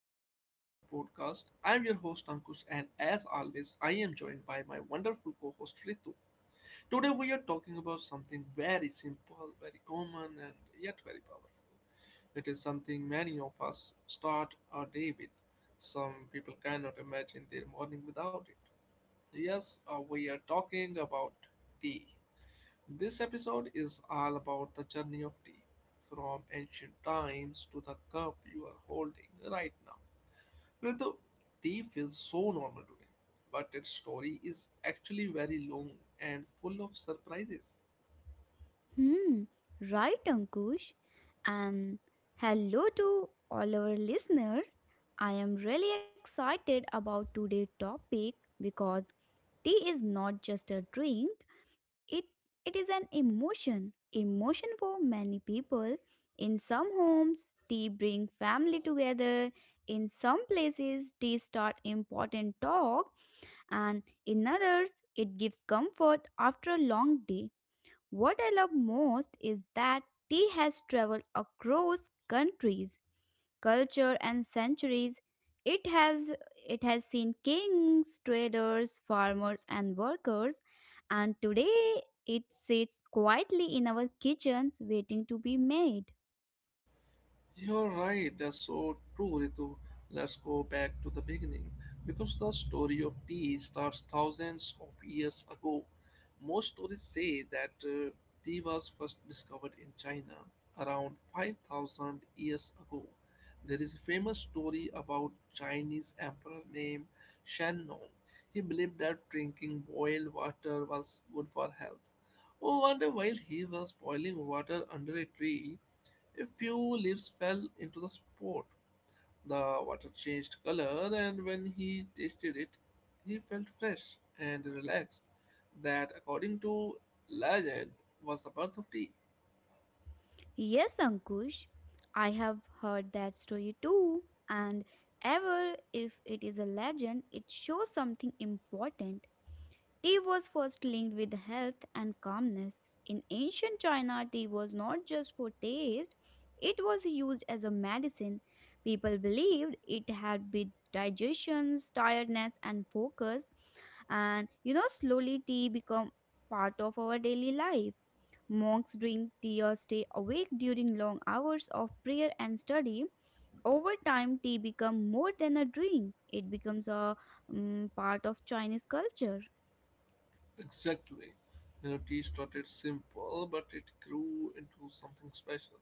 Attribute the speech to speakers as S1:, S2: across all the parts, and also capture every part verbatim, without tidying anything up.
S1: welcome back to our podcast. I'm your host Ankush, and as always, I am joined by my wonderful co host Ritu. Today, we are talking about something very simple, very common, and yet very powerful. It is something many of us start our day with. Some people cannot imagine their morning without it. Yes, uh, we are talking about tea. This episode is all about the journey of tea, from ancient times to the cup you are holding right now. Ritu, tea feels so normal today, but its story is actually very long and full of surprises.
S2: Hmm, right, Ankush. And hello to all our listeners. I am really excited about today's topic because tea is not just a drink, it, it is an emotion. Emotion for many people. In some homes, tea bring family together. In some places, tea start important talk, and in others, it gives comfort after a long day. What I love most is that tea has traveled across countries, culture and centuries. It has it has seen kings, traders, farmers and workers, and today it sits quietly in our kitchens waiting to be made.
S1: You're right, that's so true, Ritu. Let's go back to the beginning because the story of tea starts thousands of years ago. Most stories say that uh, tea was first discovered in China around five thousand years ago. There is a famous story about Chinese emperor named Shen Nong. He believed that drinking boiled water was good for health. Oh, wonder while he was boiling water under a tree, a few leaves fell into the pot. The water changed color, and when he tasted it, he felt fresh and relaxed. That, according to legend, was the birth of tea.
S2: Yes, Ankush, I have heard that story too, and ever if it is a legend it shows something important. Tea was first linked with health and calmness. In ancient China, tea was not just for taste, it was used as a medicine. People believed it helped with digestions, tiredness, and focus. And you know, slowly tea became part of our daily life. Monks drink tea or stay awake during long hours of prayer and study. Over time, tea become more than a drink. It becomes a mm, part of Chinese culture.
S1: Exactly. You know, tea started simple, but it grew into something special.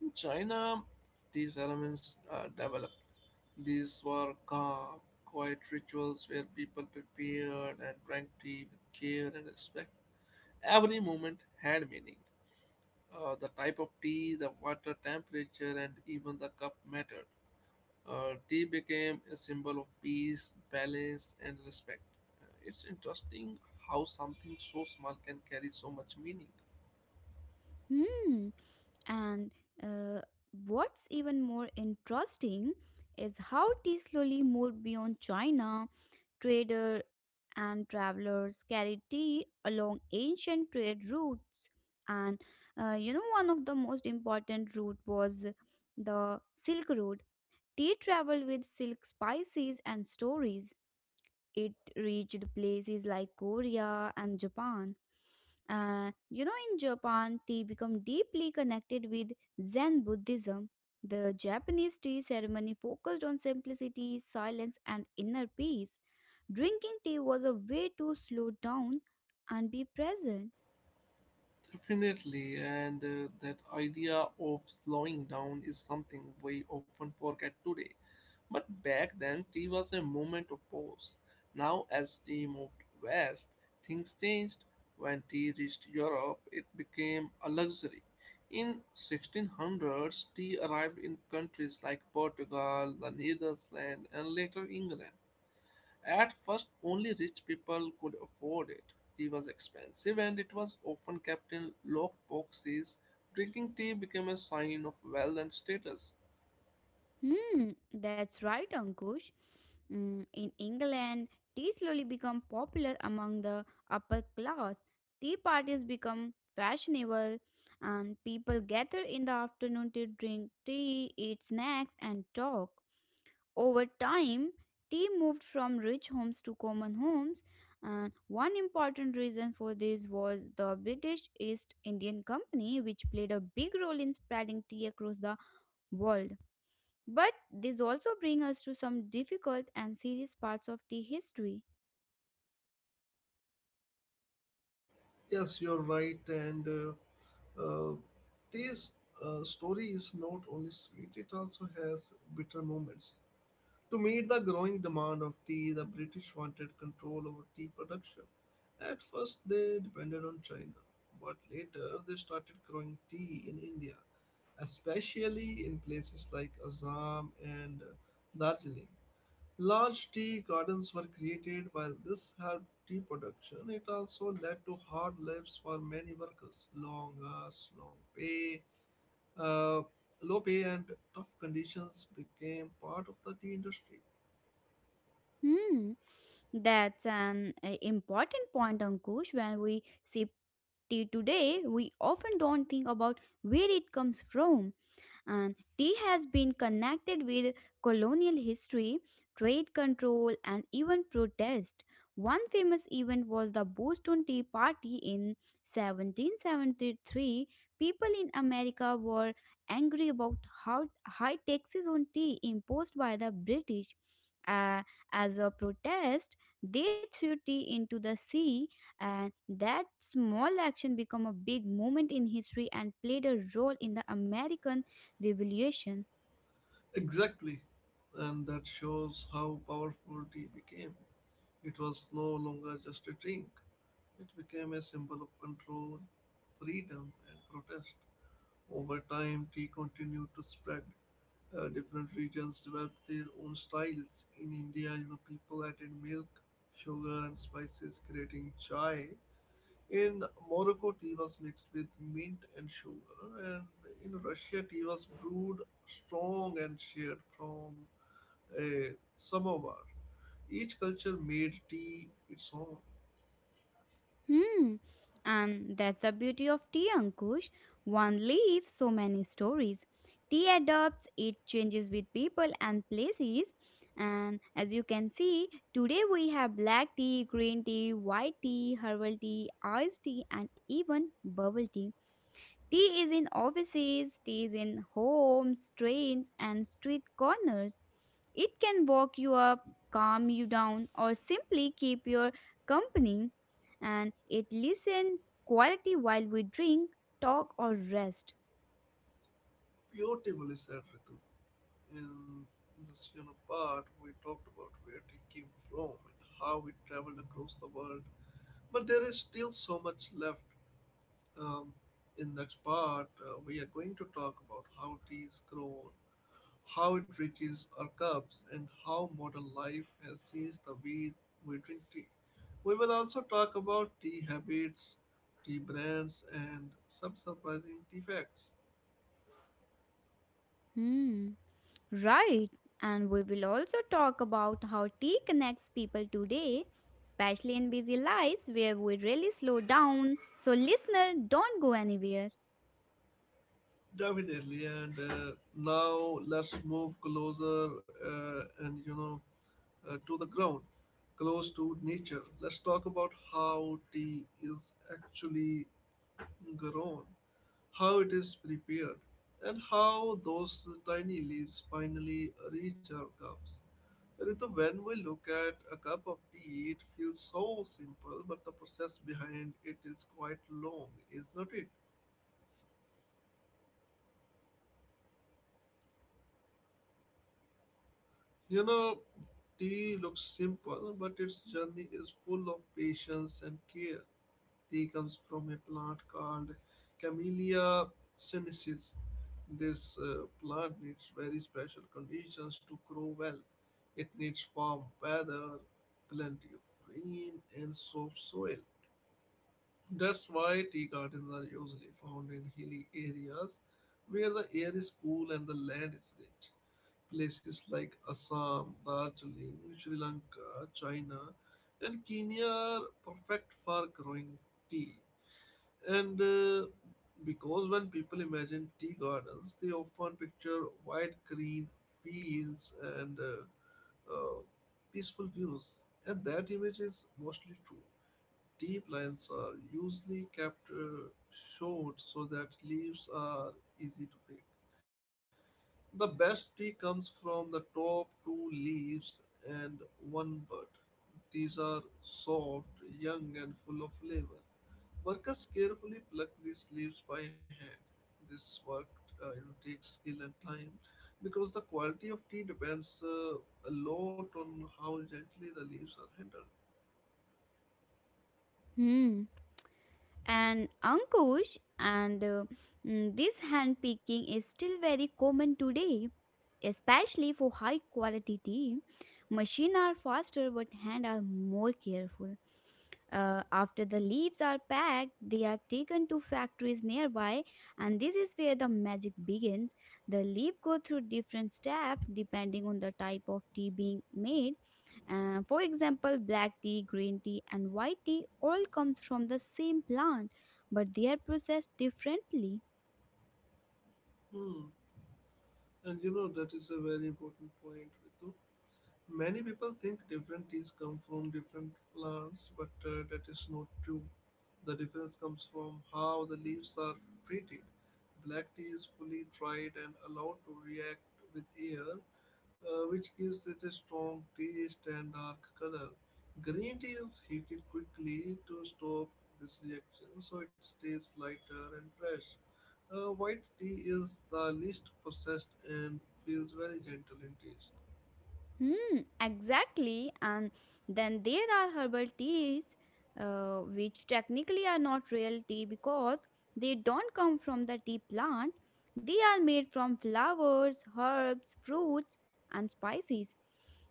S1: In China, tea ceremonies uh, developed. These were calm, quiet rituals where people prepared and drank tea with care and respect. Every moment had meaning. Uh, the type of tea, the water temperature, and even the cup mattered. Uh, tea became a symbol of peace, balance, and respect. Uh, it's interesting how something so small can carry so much meaning.
S2: Hmm. And uh, what's even more interesting is how tea slowly moved beyond China. Trader and travelers carried tea along ancient trade routes, and uh, you know, one of the most important route was the Silk Road. Tea traveled with silk spices and stories. It reached places like Korea and Japan. Uh, you know, in Japan, tea become deeply connected with Zen Buddhism. The Japanese tea ceremony focused on simplicity, silence, and inner peace. Drinking tea was a way to slow down and be present.
S1: Definitely, and uh, that idea of slowing down is something we often forget today. But back then, tea was a moment of pause. Now, as tea moved west, things changed. When tea reached Europe, it became a luxury. In sixteen hundreds, tea arrived in countries like Portugal, the Netherlands, and later England. At first, only rich people could afford it. Tea was expensive and it was often kept in locked boxes. Drinking tea became a sign of wealth and status.
S2: Hmm, that's right, Ankush. Mm, in England, tea slowly become popular among the upper class. Tea parties become fashionable, and people gather in the afternoon to drink tea, eat snacks, and talk. Over time, tea moved from rich homes to common homes, and one important reason for this was the British East Indian Company, which played a big role in spreading tea across the world. But this also brings us to some difficult and serious parts of the history.
S1: Yes, you're right. And uh, uh, this uh, story is not only sweet, it also has bitter moments. To meet the growing demand of tea, the British wanted control over tea production. At first, they depended on China, but later they started growing tea in India, especially in places like Assam and uh, Darjeeling. Large tea gardens were created while this helped tea production. It also led to hard lives for many workers. Long hours, long pay, uh, low pay and tough conditions became part of the tea industry.
S2: Hmm, that's an uh, important point, Ankush. When we see tea today, we often don't think about where it comes from. And tea has been connected with colonial history, trade control, and even protest. One famous event was the Boston Tea Party in seventeen seventy-three. People in America were angry about how high taxes on tea imposed by the British. Uh, as a protest, they threw tea into the sea, and that small action became a big moment in history and played a role in the American Revelation.
S1: Exactly. And that shows how powerful tea became. It was no longer just a drink. It became a symbol of control, freedom and protest. Over time, tea continued to spread. Uh, different regions developed their own styles. In India, you know, people added milk, sugar, and spices, creating chai. In Morocco, tea was mixed with mint and sugar, and in Russia, tea was brewed strong and shared from a samovar. Each culture made tea its own.
S2: Hmm. And that's the beauty of tea, Ankush. One leaves so many stories. Tea adapts; it changes with people and places. And as you can see, today we have black tea, green tea, white tea, herbal tea, iced tea, and even bubble tea. Tea is in offices, tea is in homes, trains, and street corners. It can walk you up, calm you down, or simply keep your company. And it listens quality while we drink, talk, or rest.
S1: Beautifully said, Ritu. In this you know, part, we talked about where tea came from and how it traveled across the world. But there is still so much left. Um, in next part, uh, we are going to talk about how tea is grown, how it reaches our cups, and how modern life has changed the way we drink tea. We will also talk about tea habits, tea brands, and some surprising tea facts.
S2: Hmm. Right. And we will also talk about how tea connects people today, especially in busy lives where we really slow down. So, listener, don't go anywhere.
S1: Definitely, and uh, now let's move closer uh, and you know uh, to the ground, close to nature. Let's talk about how tea is actually grown, how it is prepared, and how those tiny leaves finally reach our cups. Ritu, when we look at a cup of tea, it feels so simple, but the process behind it is quite long, is not it? You know, tea looks simple, but its journey is full of patience and care. Tea comes from a plant called Camellia sinensis. This uh, plant needs very special conditions to grow well. It needs warm weather, plenty of rain, and soft soil. That's why tea gardens are usually found in hilly areas where the air is cool and the land is rich. Places like Assam, Darjeeling, Sri Lanka, China, and Kenya are perfect for growing tea. And uh, because when people imagine tea gardens, they often picture wide green fields and uh, uh, peaceful views, and that image is mostly true. Tea plants are usually kept uh, short so that leaves are easy to pick. The best tea comes from the top two leaves and one bud. These are soft, young, and full of flavor. Workers carefully pluck these leaves by hand. This work uh, you know, takes skill and time because the quality of tea depends uh, a lot on how gently the leaves are handled.
S2: Hmm. And Ankush, and uh, mm, this hand picking is still very common today, especially for high quality tea. Machine are faster but hand are more careful. Uh, after the leaves are packed, they are taken to factories nearby, and this is where the magic begins. The leaf go through different steps depending on the type of tea being made. Uh, for example, black tea, green tea, and white tea all comes from the same plant, but they are processed differently.
S1: Hmm. And you know that is a very important point, Ritu. Many people think different teas come from different plants, but uh, that is not true. The difference comes from how the leaves are treated. Black tea is fully dried and allowed to react with air, uh, which gives it a strong taste and dark color. Green tea is heated quickly to stop this reaction, so it stays lighter and fresh. Uh, white tea is the least processed and feels very gentle in taste.
S2: Hmm, exactly. And then there are herbal teas, uh, which technically are not real tea because they don't come from the tea plant. They are made from flowers, herbs, fruits, and spices.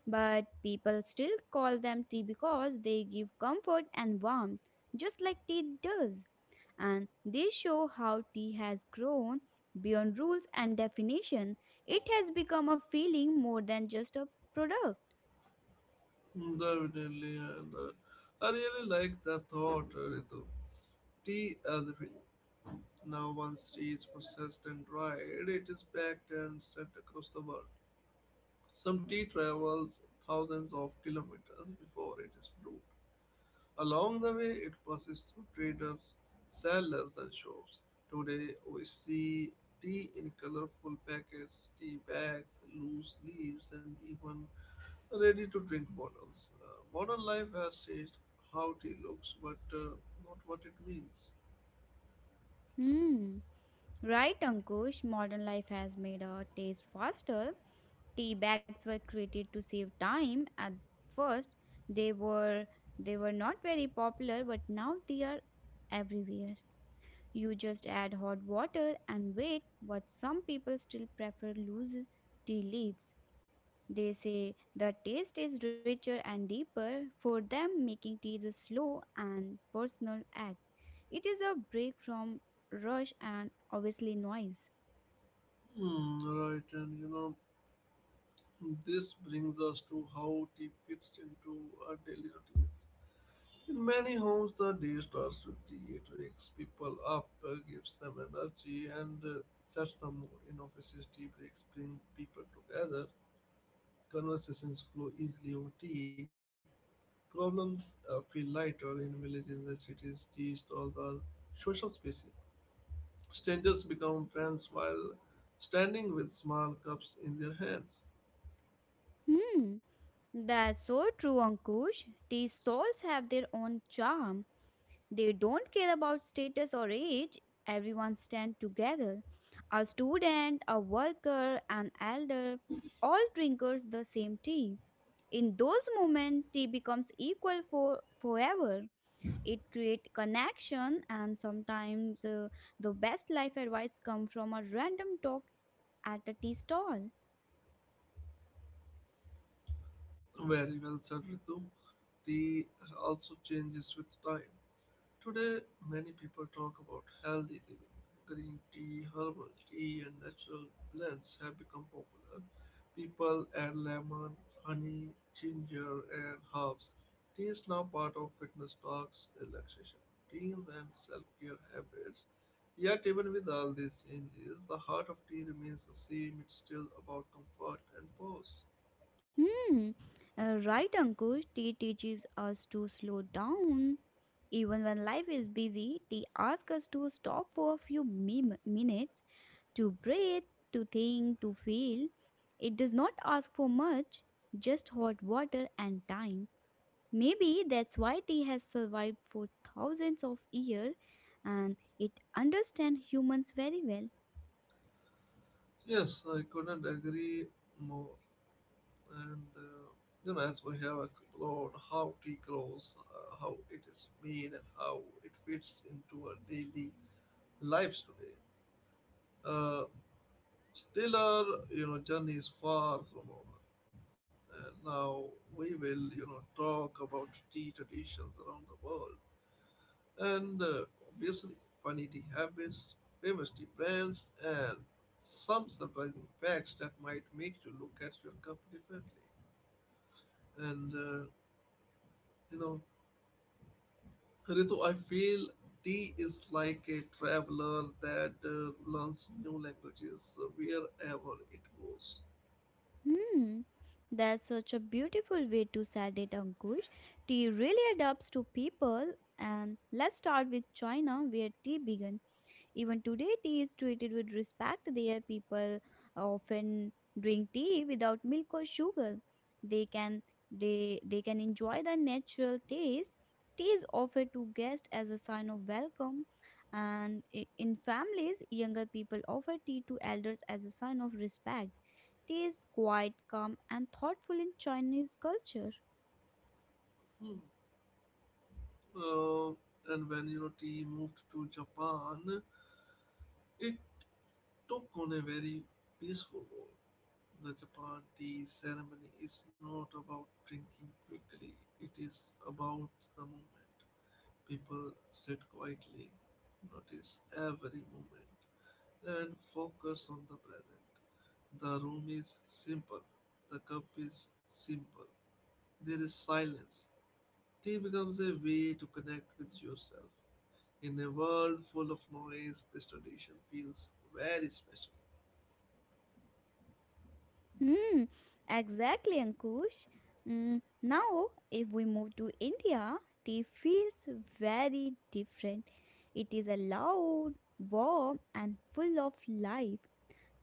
S2: But people still call them tea because they give comfort and warmth, just like tea does. And they show how tea has grown beyond rules and definition. It has become a feeling more than just a product.
S1: Definitely, and uh, I really like that thought, uh, Ritu. Tea as a film. Now, once tea is processed and dried, it is packed and sent across the world. Some tea travels thousands of kilometers before it is brewed. Along the way, it passes through traders, sellers, and shops. Today, we see tea in colorful packets, tea bags, loose leaves, and even ready to drink bottles. Uh, modern life has changed how tea looks, but uh, not what it means.
S2: Hmm. Right, Ankush, modern life has made our taste faster. Tea bags were created to save time at first. They were they were not very popular, but now they are everywhere. You just add hot water and wait, but some people still prefer loose tea leaves. They say the taste is richer and deeper. For them, making tea is a slow and personal act. It is a break from rush and obviously noise.
S1: Hmm, right, and you know, this brings us to how tea fits into our daily routines. In many homes, the day starts with tea. It wakes people up, uh, gives them energy, and uh, sets the mood. In offices, tea breaks bring people together. Conversations flow easily over tea. Problems uh, feel lighter in villages and cities. Tea stalls are social spaces. Strangers become friends while standing with small cups in their hands.
S2: Hmm, that's so true, Ankush. Tea stalls have their own charm. They don't care about status or age. Everyone stands together. A student, a worker, an elder, all drinkers the same tea. In those moments, tea becomes equal for forever. It create connection, and sometimes uh, the best life advice come from a random talk at a tea stall.
S1: Very well said, Ritu. Tea also changes with time. Today, many people talk about healthy living. Green tea, herbal tea, and natural blends have become popular. People add lemon, honey, ginger, and herbs. Tea is now part of fitness talks, relaxation routines, and self care habits. Yet, even with all these changes, the heart of tea remains the same. It's still about comfort and pause.
S2: Hmm. Uh, right, Ankush, tea teaches us to slow down even when life is busy. Tea asks us to stop for a few mi- minutes to breathe, to think, to feel. It does not ask for much, just hot water and time. Maybe that's why tea has survived for thousands of years, and it understands humans very well.
S1: Yes, I couldn't agree more. and uh, then as we have explored how tea grows, uh, how it is made, and how it fits into our daily lives today, uh, still our you know journey is far from over. And now we will you know talk about tea traditions around the world, and uh, obviously funny tea habits, famous tea brands, and some surprising facts that might make you look at your cup differently. And uh, you know Ritu, I feel tea is like a traveler that uh, learns new languages uh, wherever it goes.
S2: Hmm. That's such a beautiful way to set it, Ankush. Tea really adapts to people. And let's start with China, where tea began. Even today, tea is treated with respect. There, people often drink tea without milk or sugar. They can they they can enjoy the natural taste. Tea is offered to guests as a sign of welcome, and i- in families, younger people offer tea to elders as a sign of respect. Tea is quiet, calm, and thoughtful in Chinese culture.
S1: Hmm. Uh, and when you know tea moved to Japan, it took on a very peaceful role. The Japan tea ceremony is not about drinking quickly; it is about the moment. People sit quietly, notice every moment and focus on the present. The room is simple, the cup is simple, there is silence. Tea becomes a way to connect with yourself. In a world full of noise, this tradition feels very special.
S2: Hmm, exactly, Ankush. Mm, now, if we move to India, tea feels very different. It is a loud, warm, and full of life.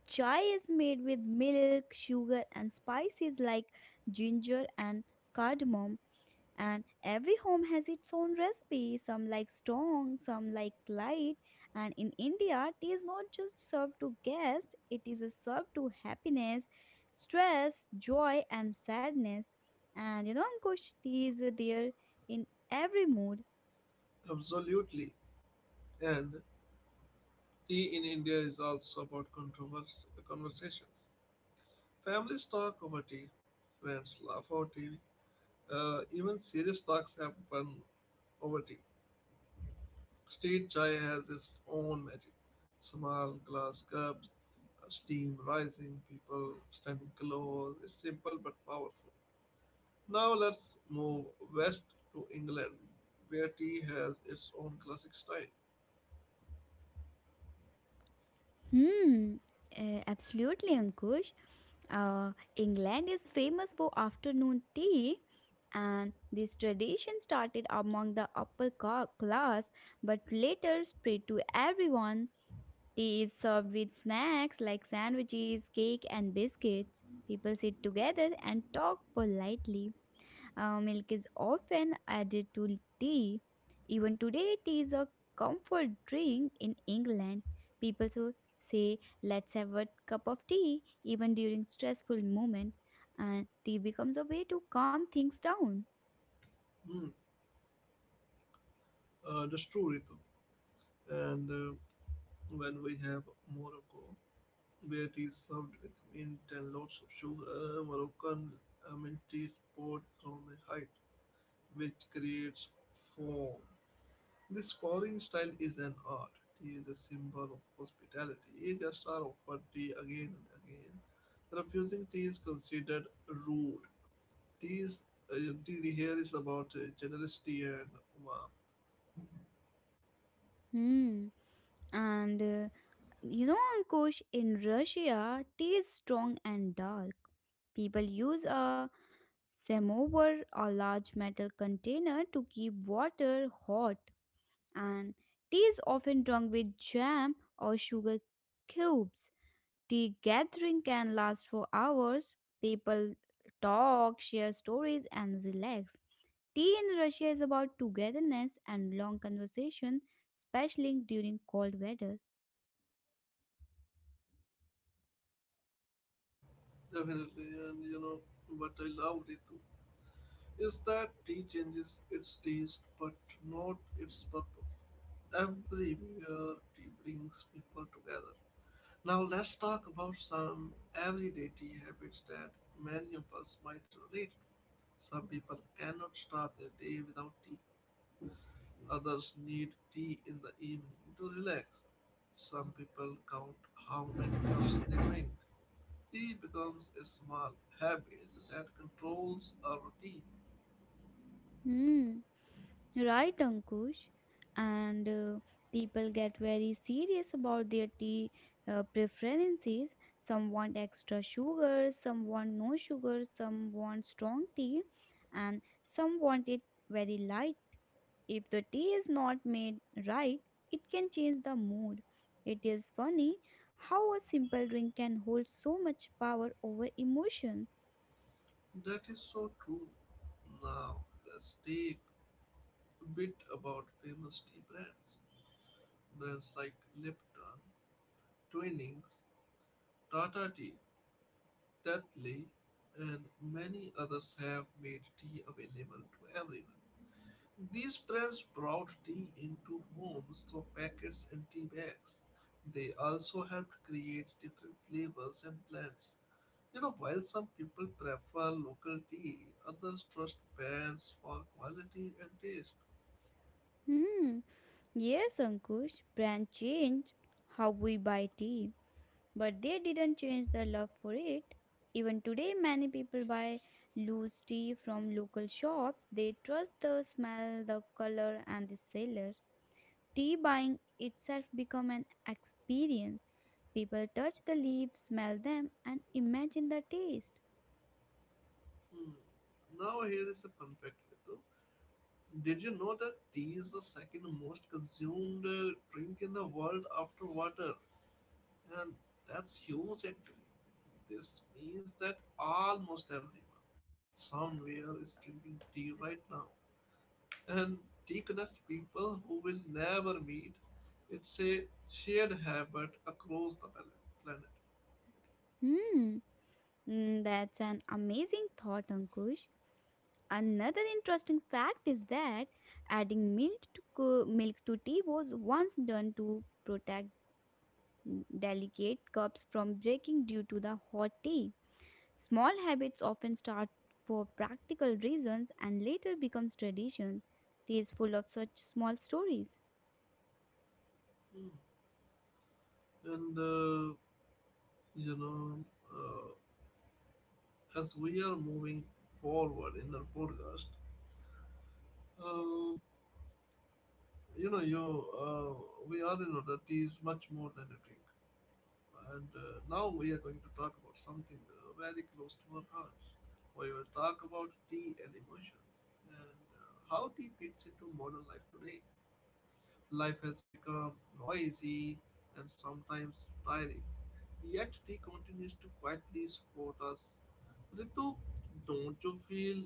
S2: Chai is made with milk, sugar, and spices like ginger and cardamom, and every home has its own recipe. Some like strong, some like light. And in India, tea is not just served to guests, it is uh, served to happiness, stress, joy and sadness. And you know, Ankush, tea is uh, there in every mood.
S1: Absolutely. And tea in India is also about controversial conversations. Families talk over tea, friends laugh over tea, uh, even serious talks happen over tea. State chai has its own magic: small glass cups, uh, steam rising, people standing close. It's simple but powerful. Now let's move west to England, where tea has its own classic style.
S2: Hmm, uh, absolutely, Ankush. Uh, England is famous for afternoon tea, and this tradition started among the upper ca- class but later spread to everyone. Tea is served with snacks like sandwiches, cake, and biscuits. People sit together and talk politely. Uh, milk is often added to tea. Even today, tea is a comfort drink in England. People so say, "Let's have a cup of tea," even during stressful moment, and tea becomes a way to calm things down.
S1: Hmm. Uh, that's true, Ritu. And uh, when we have Morocco, where tea is served with mint and lots of sugar, Moroccan uh, mint tea is poured from a height, which creates foam. This scoring style is an art. Tea is a symbol of hospitality. Guests are offered tea again and again. Refusing tea is considered rude. Tea is uh, tea here is about uh, generosity and warmth.
S2: Hmm. And uh, you know, Ankush, in Russia, tea is strong and dark. People use a samovar, a large metal container, to keep water hot. And tea is often drunk with jam or sugar cubes. Tea gathering can last for hours. People talk, share stories, and relax. Tea in Russia is about togetherness and long conversation, especially during cold weather.
S1: Definitely, and you know what I love Ritu is that tea changes its taste but not its purpose. Everywhere tea brings people together. Now let's talk about some everyday tea habits that many of us might relate to. Some people cannot start their day without tea. Others need tea in the evening to relax. Some people count how many cups they drink. Tea becomes a small habit that controls our routine.
S2: Hmm. Right, Ankush. And uh, people get very serious about their tea uh, preferences. Some want extra sugar, some want no sugar, some want strong tea, and some want it very light. If the tea is not made right, it can change the mood. It is funny how a simple drink can hold so much power over emotions.
S1: That is so true. Now let's take a bit about famous tea brands. Brands like Lipton, Twinings, Tata Tea, Tetley and many others have made tea available to everyone. These brands brought tea into homes through packets and tea bags. They also helped create different flavors and blends. You know, while some people prefer local tea, others trust brands for quality and taste.
S2: Hmm. Yes, Ankush, brand change how we buy tea. But they didn't change their love for it. Even today, many people buy loose tea from local shops. They trust the smell, the color, and the seller. Tea buying itself become an experience. People touch the leaves, smell them, and imagine the taste.
S1: Hmm. Now here is a fun fact, Ritu. Did you know that tea is the second most consumed uh, drink in the world after water? And that's huge actually. This means that almost everyone somewhere is drinking tea right now. And tea connects people who will never meet. It's a shared habit across the pal- planet.
S2: Hmm, mm, that's an amazing thought, Ankush. Another interesting fact is that adding milk to co- milk to tea was once done to protect delicate cups from breaking due to the hot tea. Small habits often start for practical reasons and later becomes tradition. Tea is full of such small stories.
S1: Mm. And uh, you know, uh, as we are moving forward in our podcast, uh, you know you uh, we all know that tea is much more than a drink, and uh, now we are going to talk about something uh, very close to our hearts. We will talk about tea and emotions, and uh, how tea fits into modern life today. Life has become noisy and sometimes tiring, yet tea continues to quietly support us. Ritu, don't you feel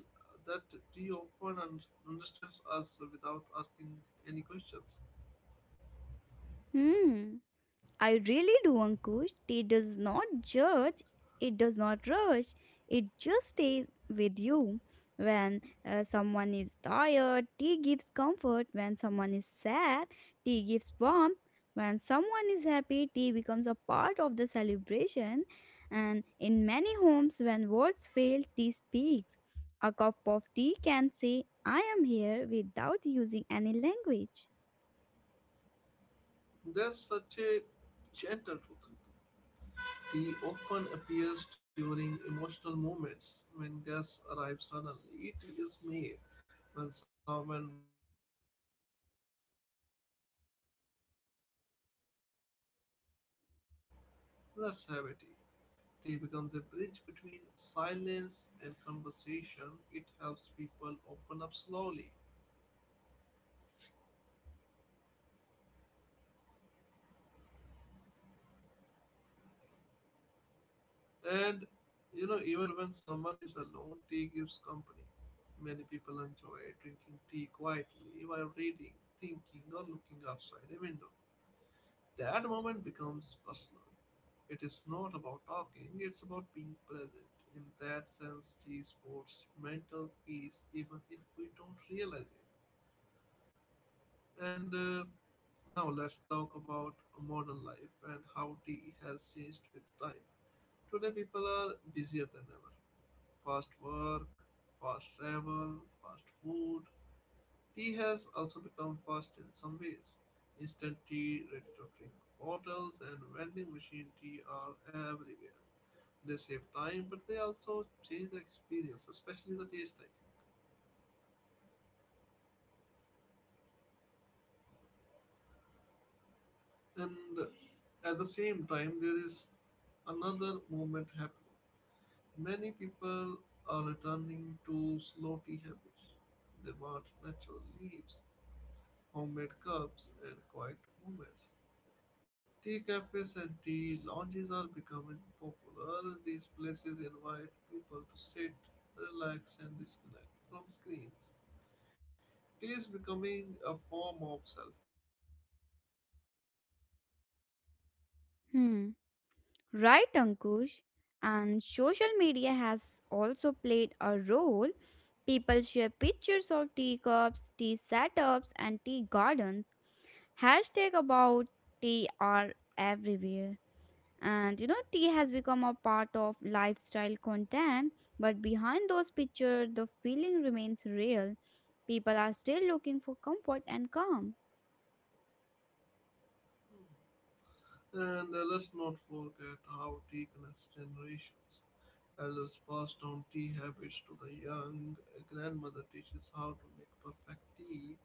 S1: that tea often un- understands us without asking any questions?
S2: Hmm. I really do, Ankush. Tea does not judge, it does not rush, it just stays with you. When uh, someone is tired, tea gives comfort. When someone is sad, tea gives warmth. When someone is happy, tea becomes a part of the celebration. And in many homes, when words fail, tea speaks. A cup of tea can say, I am here, without using any language.
S1: There's such a gentle truth. Tea often appears during emotional moments when guests arrive suddenly. Tea is made when someone vi- visits after a long time. Tea is offered when there is stress or worry. Someone says, let's have a tea. Tea becomes a bridge between silence and conversation. It helps people open up slowly. And you know, even when someone is alone, tea gives company. Many people enjoy drinking tea quietly while reading, thinking, or looking outside a window. That moment becomes personal. It is not about talking, it's about being present. In that sense, tea supports mental peace even if we don't realize it. And uh, Now let's talk about modern life and how tea has changed with time. Today, people are busier than ever. Fast work, fast travel, fast food. Tea has also become fast in some ways. Instant tea, ready to drink bottles, and vending machine tea are everywhere. They save time, but they also change the experience, especially the taste, I think. And at the same time, there is another movement happening. Many people are returning to slow tea habits. They want natural leaves, homemade cups and quiet moments. Tea cafes and tea lounges are becoming popular. These places invite people to sit, relax, and disconnect from screens. Tea is becoming a form of self care.
S2: Hmm. Right, Ankush. And social media has also played a role. People share pictures of teacups, tea setups, and tea gardens. Hashtag about tea are everywhere. And you know, tea has become a part of lifestyle content, but behind those pictures, the feeling remains real. People are still looking for comfort and calm.
S1: And uh, Let's not forget how tea connects generations. Elders pass down tea habits to the young. A grandmother teaches how to make perfect tea.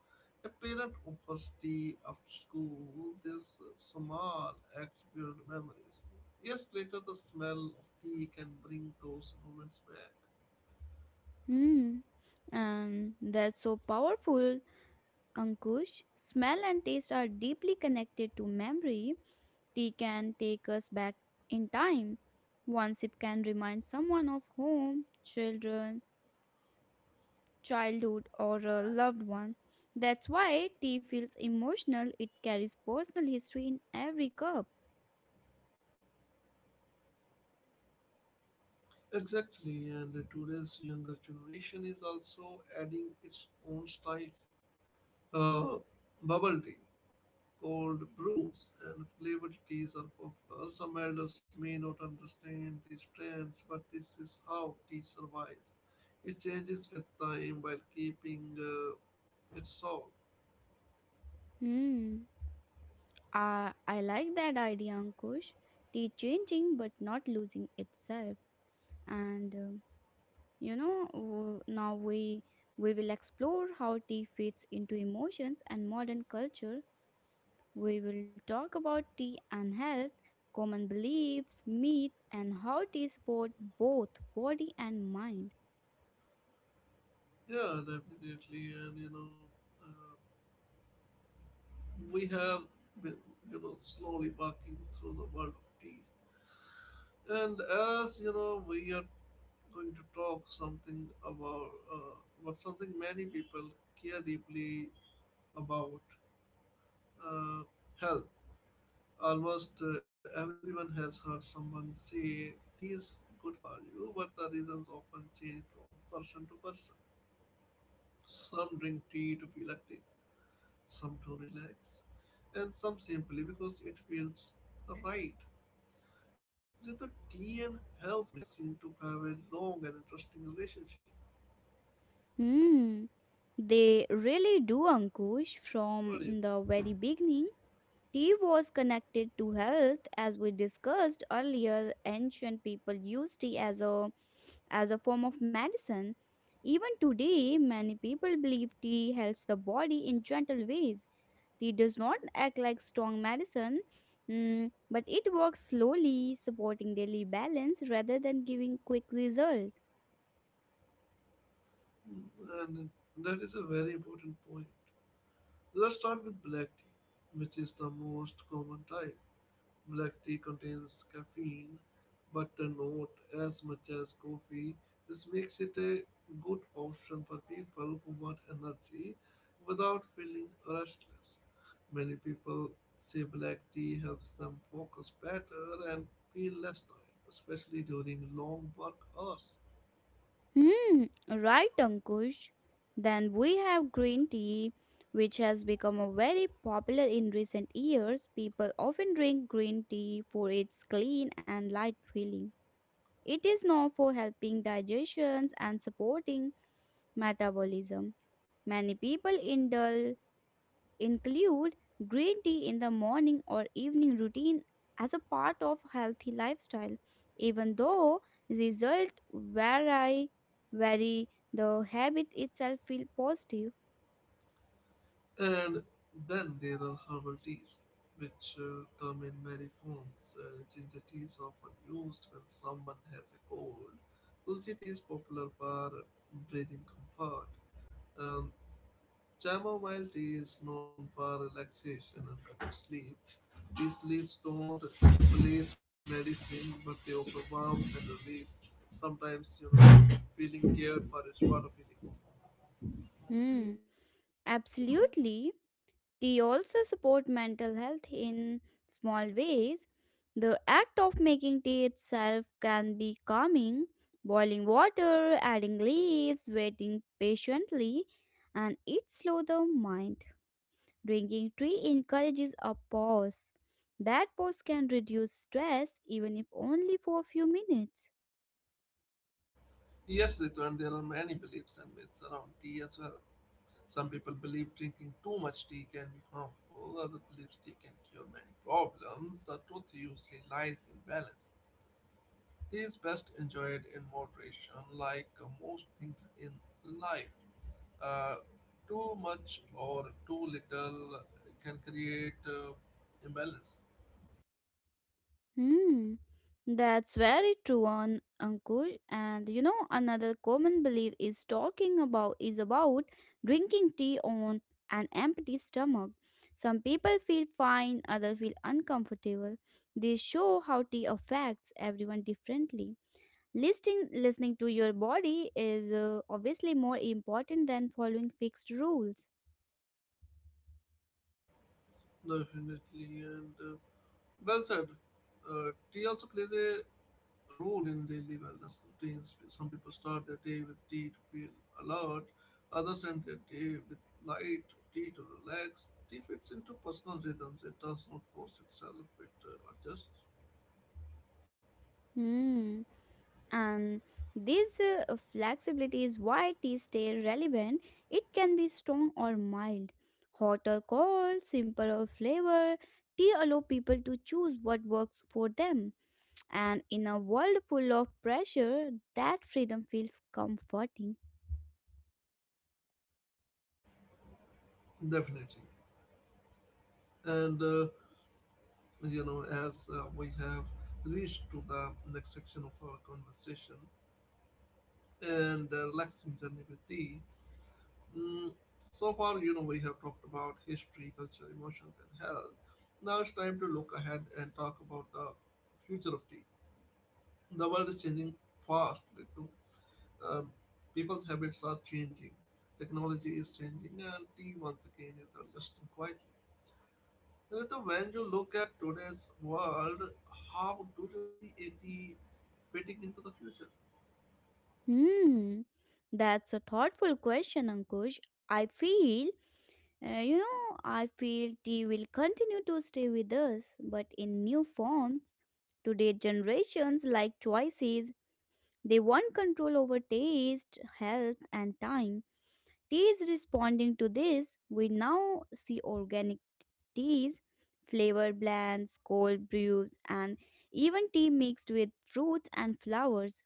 S1: A parent offers tea after school. These uh, small acts build memories. Years later, the smell of tea can bring those moments back.
S2: Hmm. And that's so powerful, Ankush. Smell and taste are deeply connected to memory. Tea can take us back in time. One sip can remind someone of home, children, childhood, or a loved one. That's why tea feels emotional, it carries personal history in every cup.
S1: Exactly, and today's younger generation is also adding its own style. Uh, Bubble tea, cold brews and flavored teas are popular. Some elders may not understand these trends, but this is how tea survives. It changes with time while keeping uh, its soul.
S2: Hmm. I, I like that idea, Ankush. Tea changing but not losing itself. And um, you know w- now we we will explore how tea fits into emotions and modern culture. We will talk about tea and health, common beliefs, myth, and how tea support both body and mind.
S1: Yeah, definitely. And you know, uh, we have been, you know, slowly walking through the world of tea. And as you know, we are going to talk something about uh, about something many people care deeply about. Uh, Hell, almost uh, everyone has heard someone say tea is good for you, but the reasons often change from person to person. Some drink tea to feel active, some to relax, and some simply because it feels right. Just the tea and health seem to have a long and interesting relationship.
S2: Hmm, they really do, Ankush.
S1: What do you
S2: From
S1: think?
S2: the very beginning tea was connected to health. As we discussed earlier, ancient people used tea as a as a form of medicine. Even today, many people believe tea helps the body in gentle ways. Tea does not act like strong medicine, mm, but it works slowly, supporting daily balance rather than giving quick result.
S1: Mm. And that is a very important point. Let's start with black tea, which is the most common type. Black tea contains caffeine, but not as much as coffee. This makes it a good option for people who want energy without feeling restless. Many people say black tea helps them focus better and feel less tired, especially during long work hours.
S2: Hmm, right, Ankush. Then we have green tea, which has become a very popular in recent years. People often drink green tea for its clean and light feeling. It is known for helping digestions and supporting metabolism. Many people indulge include green tea in the morning or evening routine as a part of healthy lifestyle, even though result vary vary, the habit itself feel positive.
S1: And then there are herbal teas, which uh, come in many forms. Uh, ginger tea is often used when someone has a cold. Tulsi tea is popular for breathing comfort. Um, Chamomile tea is known for relaxation and better sleep. These leaves don't replace medicine, but they offer warmth and relief. Sometimes, you know, feeling cared for is part of healing.
S2: Hmm, absolutely. They also support mental health in small ways. The act of making tea itself can be calming. Boiling water, adding leaves, waiting patiently, and it slows the mind. Drinking tea encourages a pause. That pause can reduce stress even if only for a few minutes.
S1: Yes, Ritu, and there are many beliefs and myths around tea as well. Some people believe drinking too much tea can be harmful, others believe tea can cure many problems. The truth usually lies in balance. Tea is best enjoyed in moderation, like uh, most things in life. Uh, Too much or too little can create uh, imbalance.
S2: Hmm, that's very true on Ankush. And you know, another common belief is talking about is about drinking tea on an empty stomach. Some people feel fine, others feel uncomfortable. They show how tea affects everyone differently. Listening, listening to your body is uh, obviously more important than following fixed rules.
S1: Definitely, and uh, well said. Uh, tea also plays a role in daily wellness routines. Some people start their day with tea to feel alert, others end their day with light tea to relax. Tea fits into personal rhythms, it does not force itself, it uh, adjusts
S2: Hmm. And this uh, flexibility is why tea stay relevant. It can be strong or mild, hot or cold, simple or flavor. Tea allow people to choose what works for them. And in a world full of pressure, that freedom feels comforting.
S1: definitely. And uh, You know, as uh, we have reached to the next section of our conversation and uh, relaxing journey with tea. Mm, so far, you know, we have talked about history, culture, emotions, and health. Now it's time to look ahead and talk about the future of tea. The world is changing fast. Ritu. Um, People's habits are changing, technology is changing, and tea once again is adjusting quietly. Ritu, when you look at today's world, how do you see a tea fitting into the future?
S2: Hmm. That's a thoughtful question, Ankush. I feel Uh, you know, I feel tea will continue to stay with us, but in new forms. Today, generations like choices, they want control over taste, health, and time. Tea is responding to this. We now see organic teas, flavor blends, cold brews, and even tea mixed with fruits and flowers.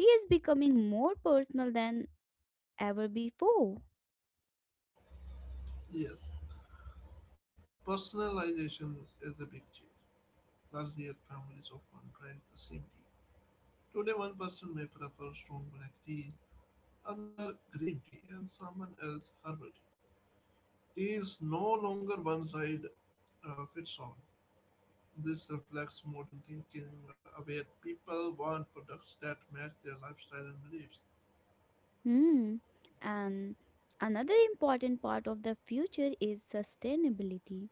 S2: Tea is becoming more personal than ever before.
S1: Yes, personalization is a big change. Earlier, families often drank the same tea. Today, one person may prefer strong black tea, another green tea, and someone else herbal tea. Tea is no longer one side uh, fits all. This reflects modern thinking, uh, where people want products that match their lifestyle and beliefs.
S2: Hmm. And another important part of the future is sustainability.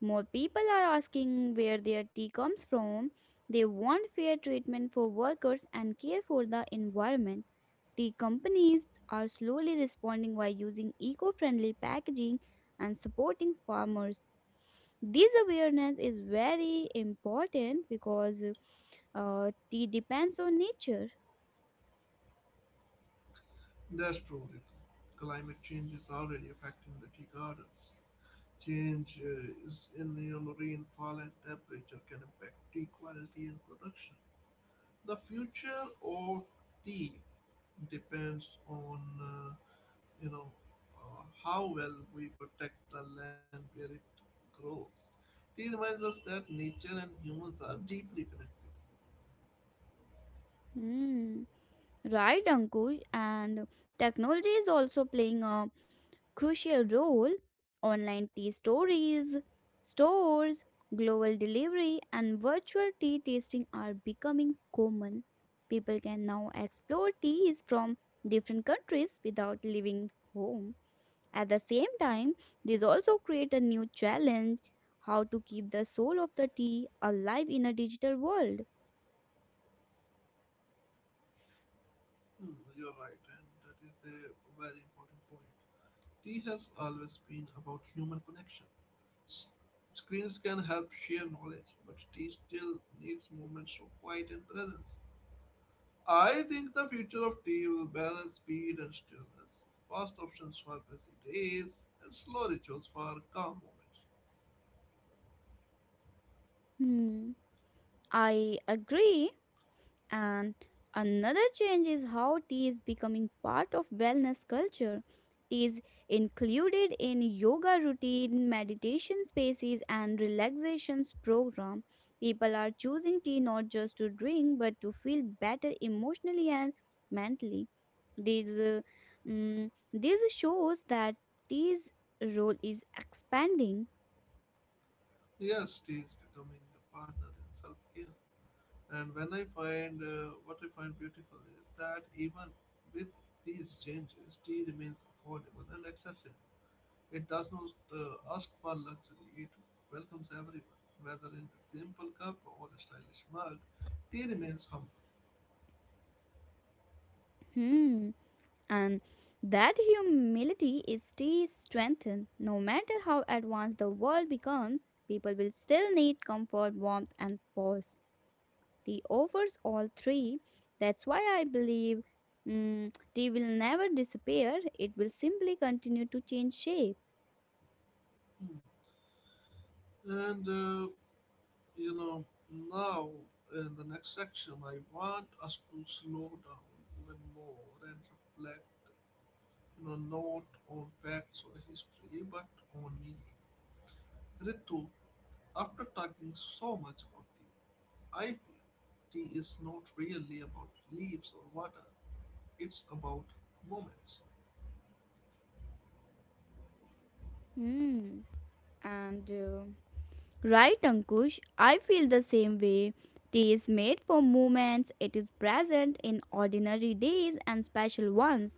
S2: More people are asking where their tea comes from. They want fair treatment for workers and care for the environment. Tea companies are slowly responding by using eco friendly packaging and supporting farmers. This awareness is very important because uh, tea depends on nature.
S1: That's true, Ritu. Climate change is already affecting the tea gardens. Change uh, is in, you know, rainfall and temperature can impact tea quality and production. The future of tea depends on uh, you know uh, how well we protect the land where it grows. Tea reminds us that nature and humans are deeply connected.
S2: Hmm. Right, Ankush, and technology is also playing a crucial role. Online tea stories, stores, global delivery, and virtual tea tasting are becoming common. People can now explore teas from different countries without leaving home. At the same time, this also create a new challenge: how to keep the soul of the tea alive in a digital world.
S1: Hmm, you're right, and that is a very important point. Tea has always been about human connection. S- Screens can help share knowledge, but tea still needs moments of quiet and presence. I think the future of tea will balance speed and stillness, fast options for busy days, and slow rituals for calm moments.
S2: Hmm, I agree. And another change is how tea is becoming part of wellness culture. Tea is included in yoga routine, meditation spaces, and relaxations program. People are choosing tea not just to drink but to feel better emotionally and mentally. These, uh, mm, this shows that tea's role is expanding.
S1: Yes, tea is becoming a partner in self care. And when I find uh, what I find beautiful is that even with these changes, tea remains affordable and accessible. It does not uh, ask for luxury, it welcomes everyone, whether in a simple cup or a stylish mug. Tea remains humble.
S2: Hmm. And that humility is still strengthened. No matter how advanced the world becomes, people will still need comfort, warmth, and pause. Tea offers all three. That's why I believe, mm, tea will never disappear. It will simply continue to change shape.
S1: Hmm. And uh, You know, now in the next section, I want us to slow down even more and reflect, you know, not on facts or history, but on meaning. Ritu, after talking so much about tea, I feel tea is not really about leaves or water, it's about moments.
S2: Hmm. And uh, Right, Ankush, I feel the same way. Tea is made for moments. It is present in ordinary days and special ones.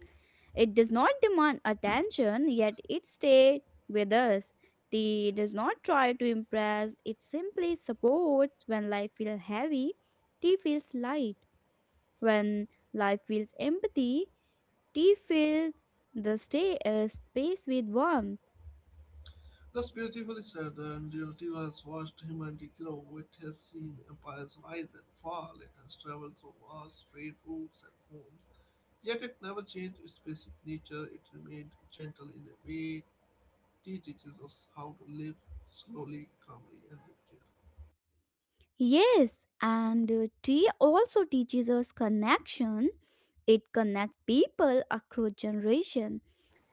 S2: It does not demand attention, yet it stayed with us. Tea does not try to impress, it simply supports. When life feels heavy, tea feels light. When life feels empty, tea fills the stay, uh, space with warmth.
S1: That's beautifully said, and Unity has watched humanity grow with his seen empires rise and fall. It has traveled through vast trade routes and homes, yet it never changed its basic nature. It remained gentle. In a way, tea teaches us how to live slowly, calmly, and with care.
S2: Yes, and uh, tea also teaches us connection. It connects people across generation.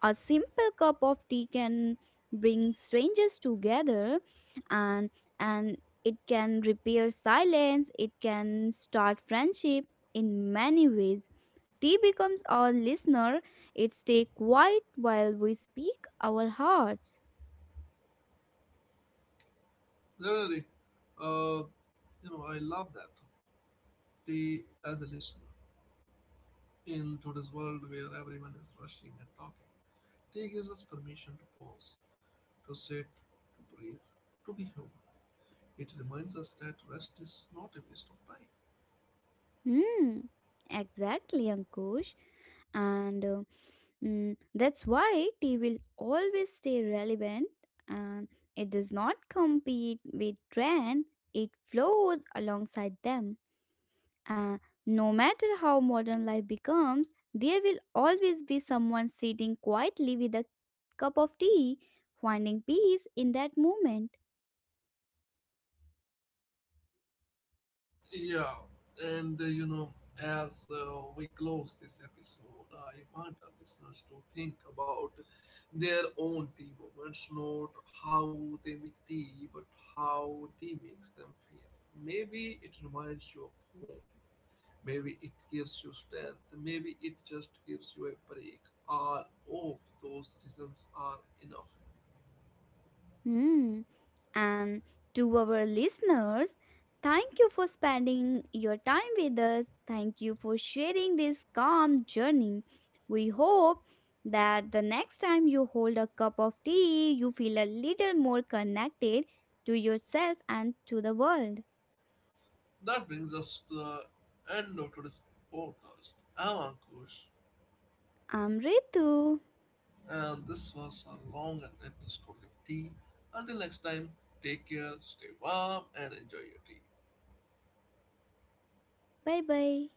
S2: A simple cup of tea can bring strangers together and and it can repair silence, it can start friendship in many ways. Tea becomes our listener. It stays quiet while we speak our hearts.
S1: Definitely. uh, you know, I love that tea as a listener. In today's world where everyone is rushing and talking, tea gives us permission to pause, to sit, to breathe, to be human. It reminds us that rest is not a waste of time.
S2: Hmm. Exactly, Ankush. And uh, Mm, that's why tea will always stay relevant and it does not compete with trend, it flows alongside them. And no matter how modern life becomes, there will always be someone sitting quietly with a cup of tea, finding peace in that moment.
S1: Yeah, and uh, you know, as uh, we close this episode, I want our listeners to think about their own tea moments, not how they make tea, but how tea makes them feel. Maybe it reminds you of home, maybe it gives you strength, maybe it just gives you a break. All of those reasons are enough.
S2: Hmm. And to our listeners, thank you for spending your time with us. Thank you for sharing this calm journey. We hope that the next time you hold a cup of tea, you feel a little more connected to yourself and to the world.
S1: That brings us to the end of today's podcast. I'm Ankush,
S2: I'm Ritu.
S1: and this was a long and endless story of tea. Until next time, take care, stay warm, and enjoy your tea.
S2: Bye bye.